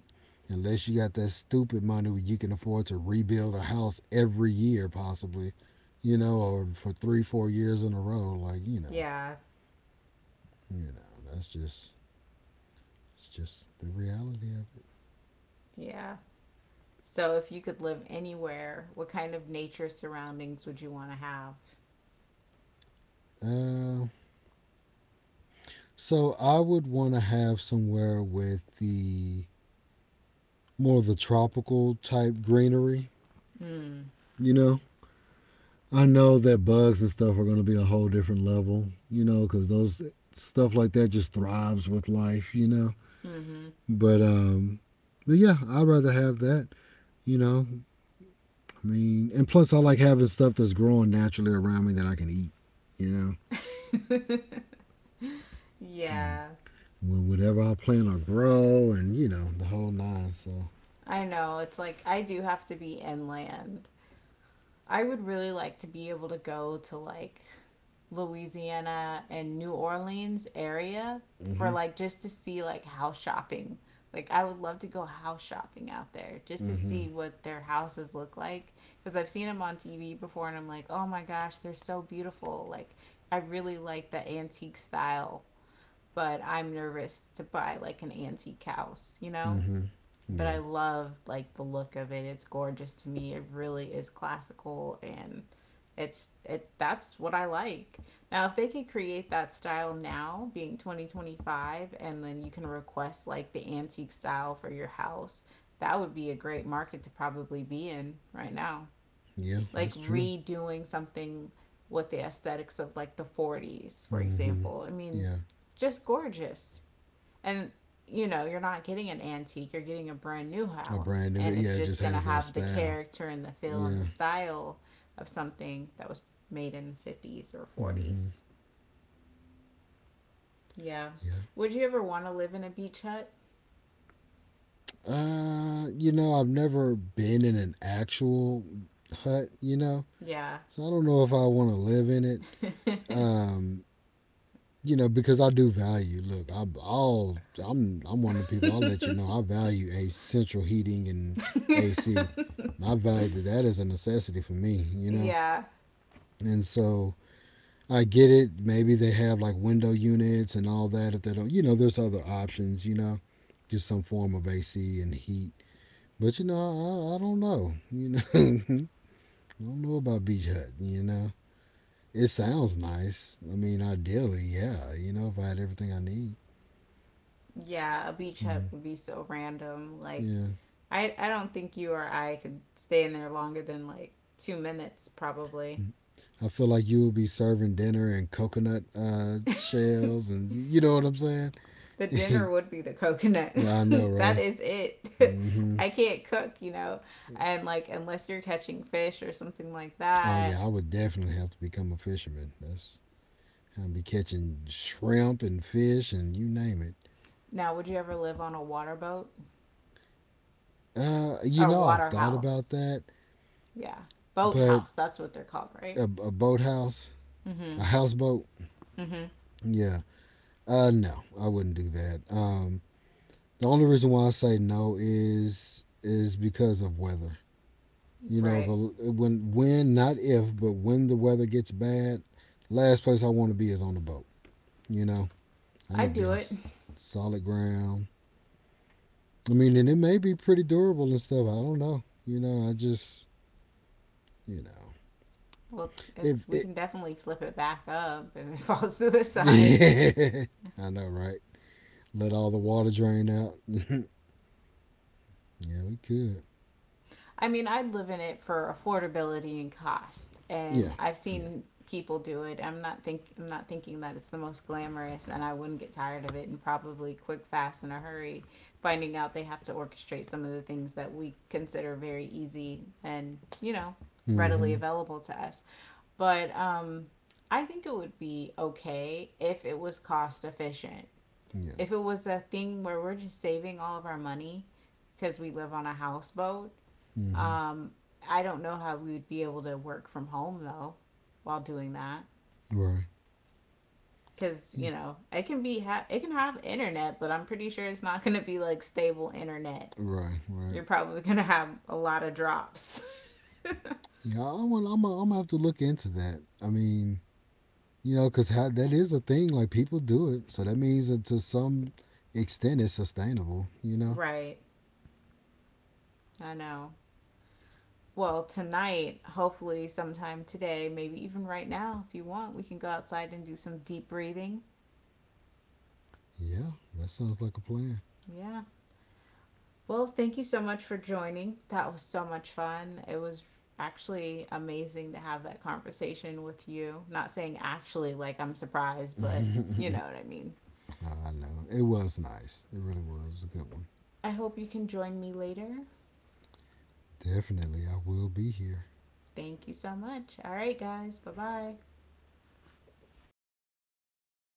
unless you got that stupid money where you can afford to rebuild a house every year, possibly, you know, or for three, four years in a row, like Yeah. you know, that's just it's just the reality of Yeah. So if you could live anywhere, what kind of nature surroundings would you want to have? it. So I would want to have somewhere with the more of the tropical type greenery, Mm. you know. I know that bugs and stuff are going to be a whole different level, you know, because those stuff like that just thrives with life, you know. Mm-hmm. But but yeah, I'd rather have that. You know, I mean, and plus I like having stuff that's growing naturally around me that I can eat. You know, mm. Yeah. Well, whatever I plant or grow, and you know the whole nine. So, I know. It's like, I do have to be inland. I would really like to be able to go to like Louisiana and New Orleans area for mhm, like just to see like house shopping. Like I would love to go house shopping out there just to see mhm, what their houses look like because I've seen them on TV before and I'm like, "Oh my gosh, they're so beautiful." Like I really like the antique style, but I'm nervous to buy like an antique house, you know? mhm. But Yeah, I love like the look of it. It's gorgeous to me. It really is classical and it that's what I like. Now if they could create that style now, being 2025 and then you can request like the antique style for your house, that would be a great market to probably be in right now. yeah, Like that's true. redoing something with the aesthetics of like the 40s, for Mhm. example. I mean, Yeah, just gorgeous and you know you're not getting an antique you're getting a brand new a house brand new. and Yeah, it's it just just going to has that have the style. character and the feel and the Yeah. style of something that was made in the 50s or Mhm. 40s. Yeah, Yeah. would you ever want to live in a beach hut? You know, I've never been in an actual hut. You know, Yeah. so I don't know if I want to live in it. Um, you know, because I do value. Look, I, I'll I'm one of the people. I'll let you know I value a central heating and AC. And I value that that is a necessity for me. You know, Yeah. and so I get it. Maybe they have like window units and all that. If they don't, you know, there's other options. You know, just some form of AC and heat. But you know, I don't know. You know, I don't know about Beach Hut. You know, it sounds nice. I mean, ideally, yeah. You know, if I had everything I need. Yeah, a beach hut Mm, would be so random like yeah. I don't think you or I could stay in there longer than like 2 minutes probably. Mm. I feel like you would be serving dinner and coconut shells, and you know what I'm saying? The dinner would be the coconut. yeah, I know, That right? is it. Hmm. I can't cook, you know. And like unless you're catching fish or something like Oh yeah, that. I would definitely have to become a fisherman. That's I'd be catching shrimp and fish and you name it. Now, would you ever live on a water boat You or know, I've water thought about house? that, Yeah. Boat but house, that's what they're called, right? A boathouse, a Mhm. houseboat, Mhm. yeah. No, I wouldn't do that. The only reason why I say no is is because of weather. You know, Right. the when not if, but when the weather gets bad, last place I want to be is on the boat. You know, I need I'd to be do on it. Solid ground. I mean, and it may be pretty durable and stuff. I don't know. You know, I just you know Well, it's, if it's we it. can definitely flip it back up if it falls to the side. Yeah, I know, right? Let all the water drain out. yeah, we could. I mean, I'd live in it for affordability and cost. Yeah, And I've yeah. seen people do it. I'm not thinking that it's the most glamorous and I wouldn't get tired of it and probably quick fast in a hurry finding out they have to orchestrate some of the things that we consider very easy and, you know, readily Mm-hmm. available to us. But I think it would be okay if it was cost efficient. Yeah. If it was a thing where we're just saving all of our money because we live on a houseboat Mm-hmm. um, I don't know how we would be able to work from home though while doing that Right. because Yeah. you know it can be it can have internet, but I'm pretty sure it's not going to be like stable internet. Right. Right. You're probably going to have a lot of drops. Yeah, I want. I'm I'm gonna have to look into that. I mean, you know, because that is a thing. Like people do it, so that means that to some extent it's sustainable. You know. Right. I know. Well, tonight, hopefully, sometime today, maybe even right now, if you want, we can go outside and do some deep breathing. Yeah, that sounds like a plan. Yeah. Well, thank you so much for joining. That was so much fun. It was actually amazing to have that conversation with you. Not saying actually like I'm surprised, I but you know what I mean. know it was nice. It really was a good one. I hope you can join me later. Definitely, I will be here. Thank you so much. All right, guys. Bye bye.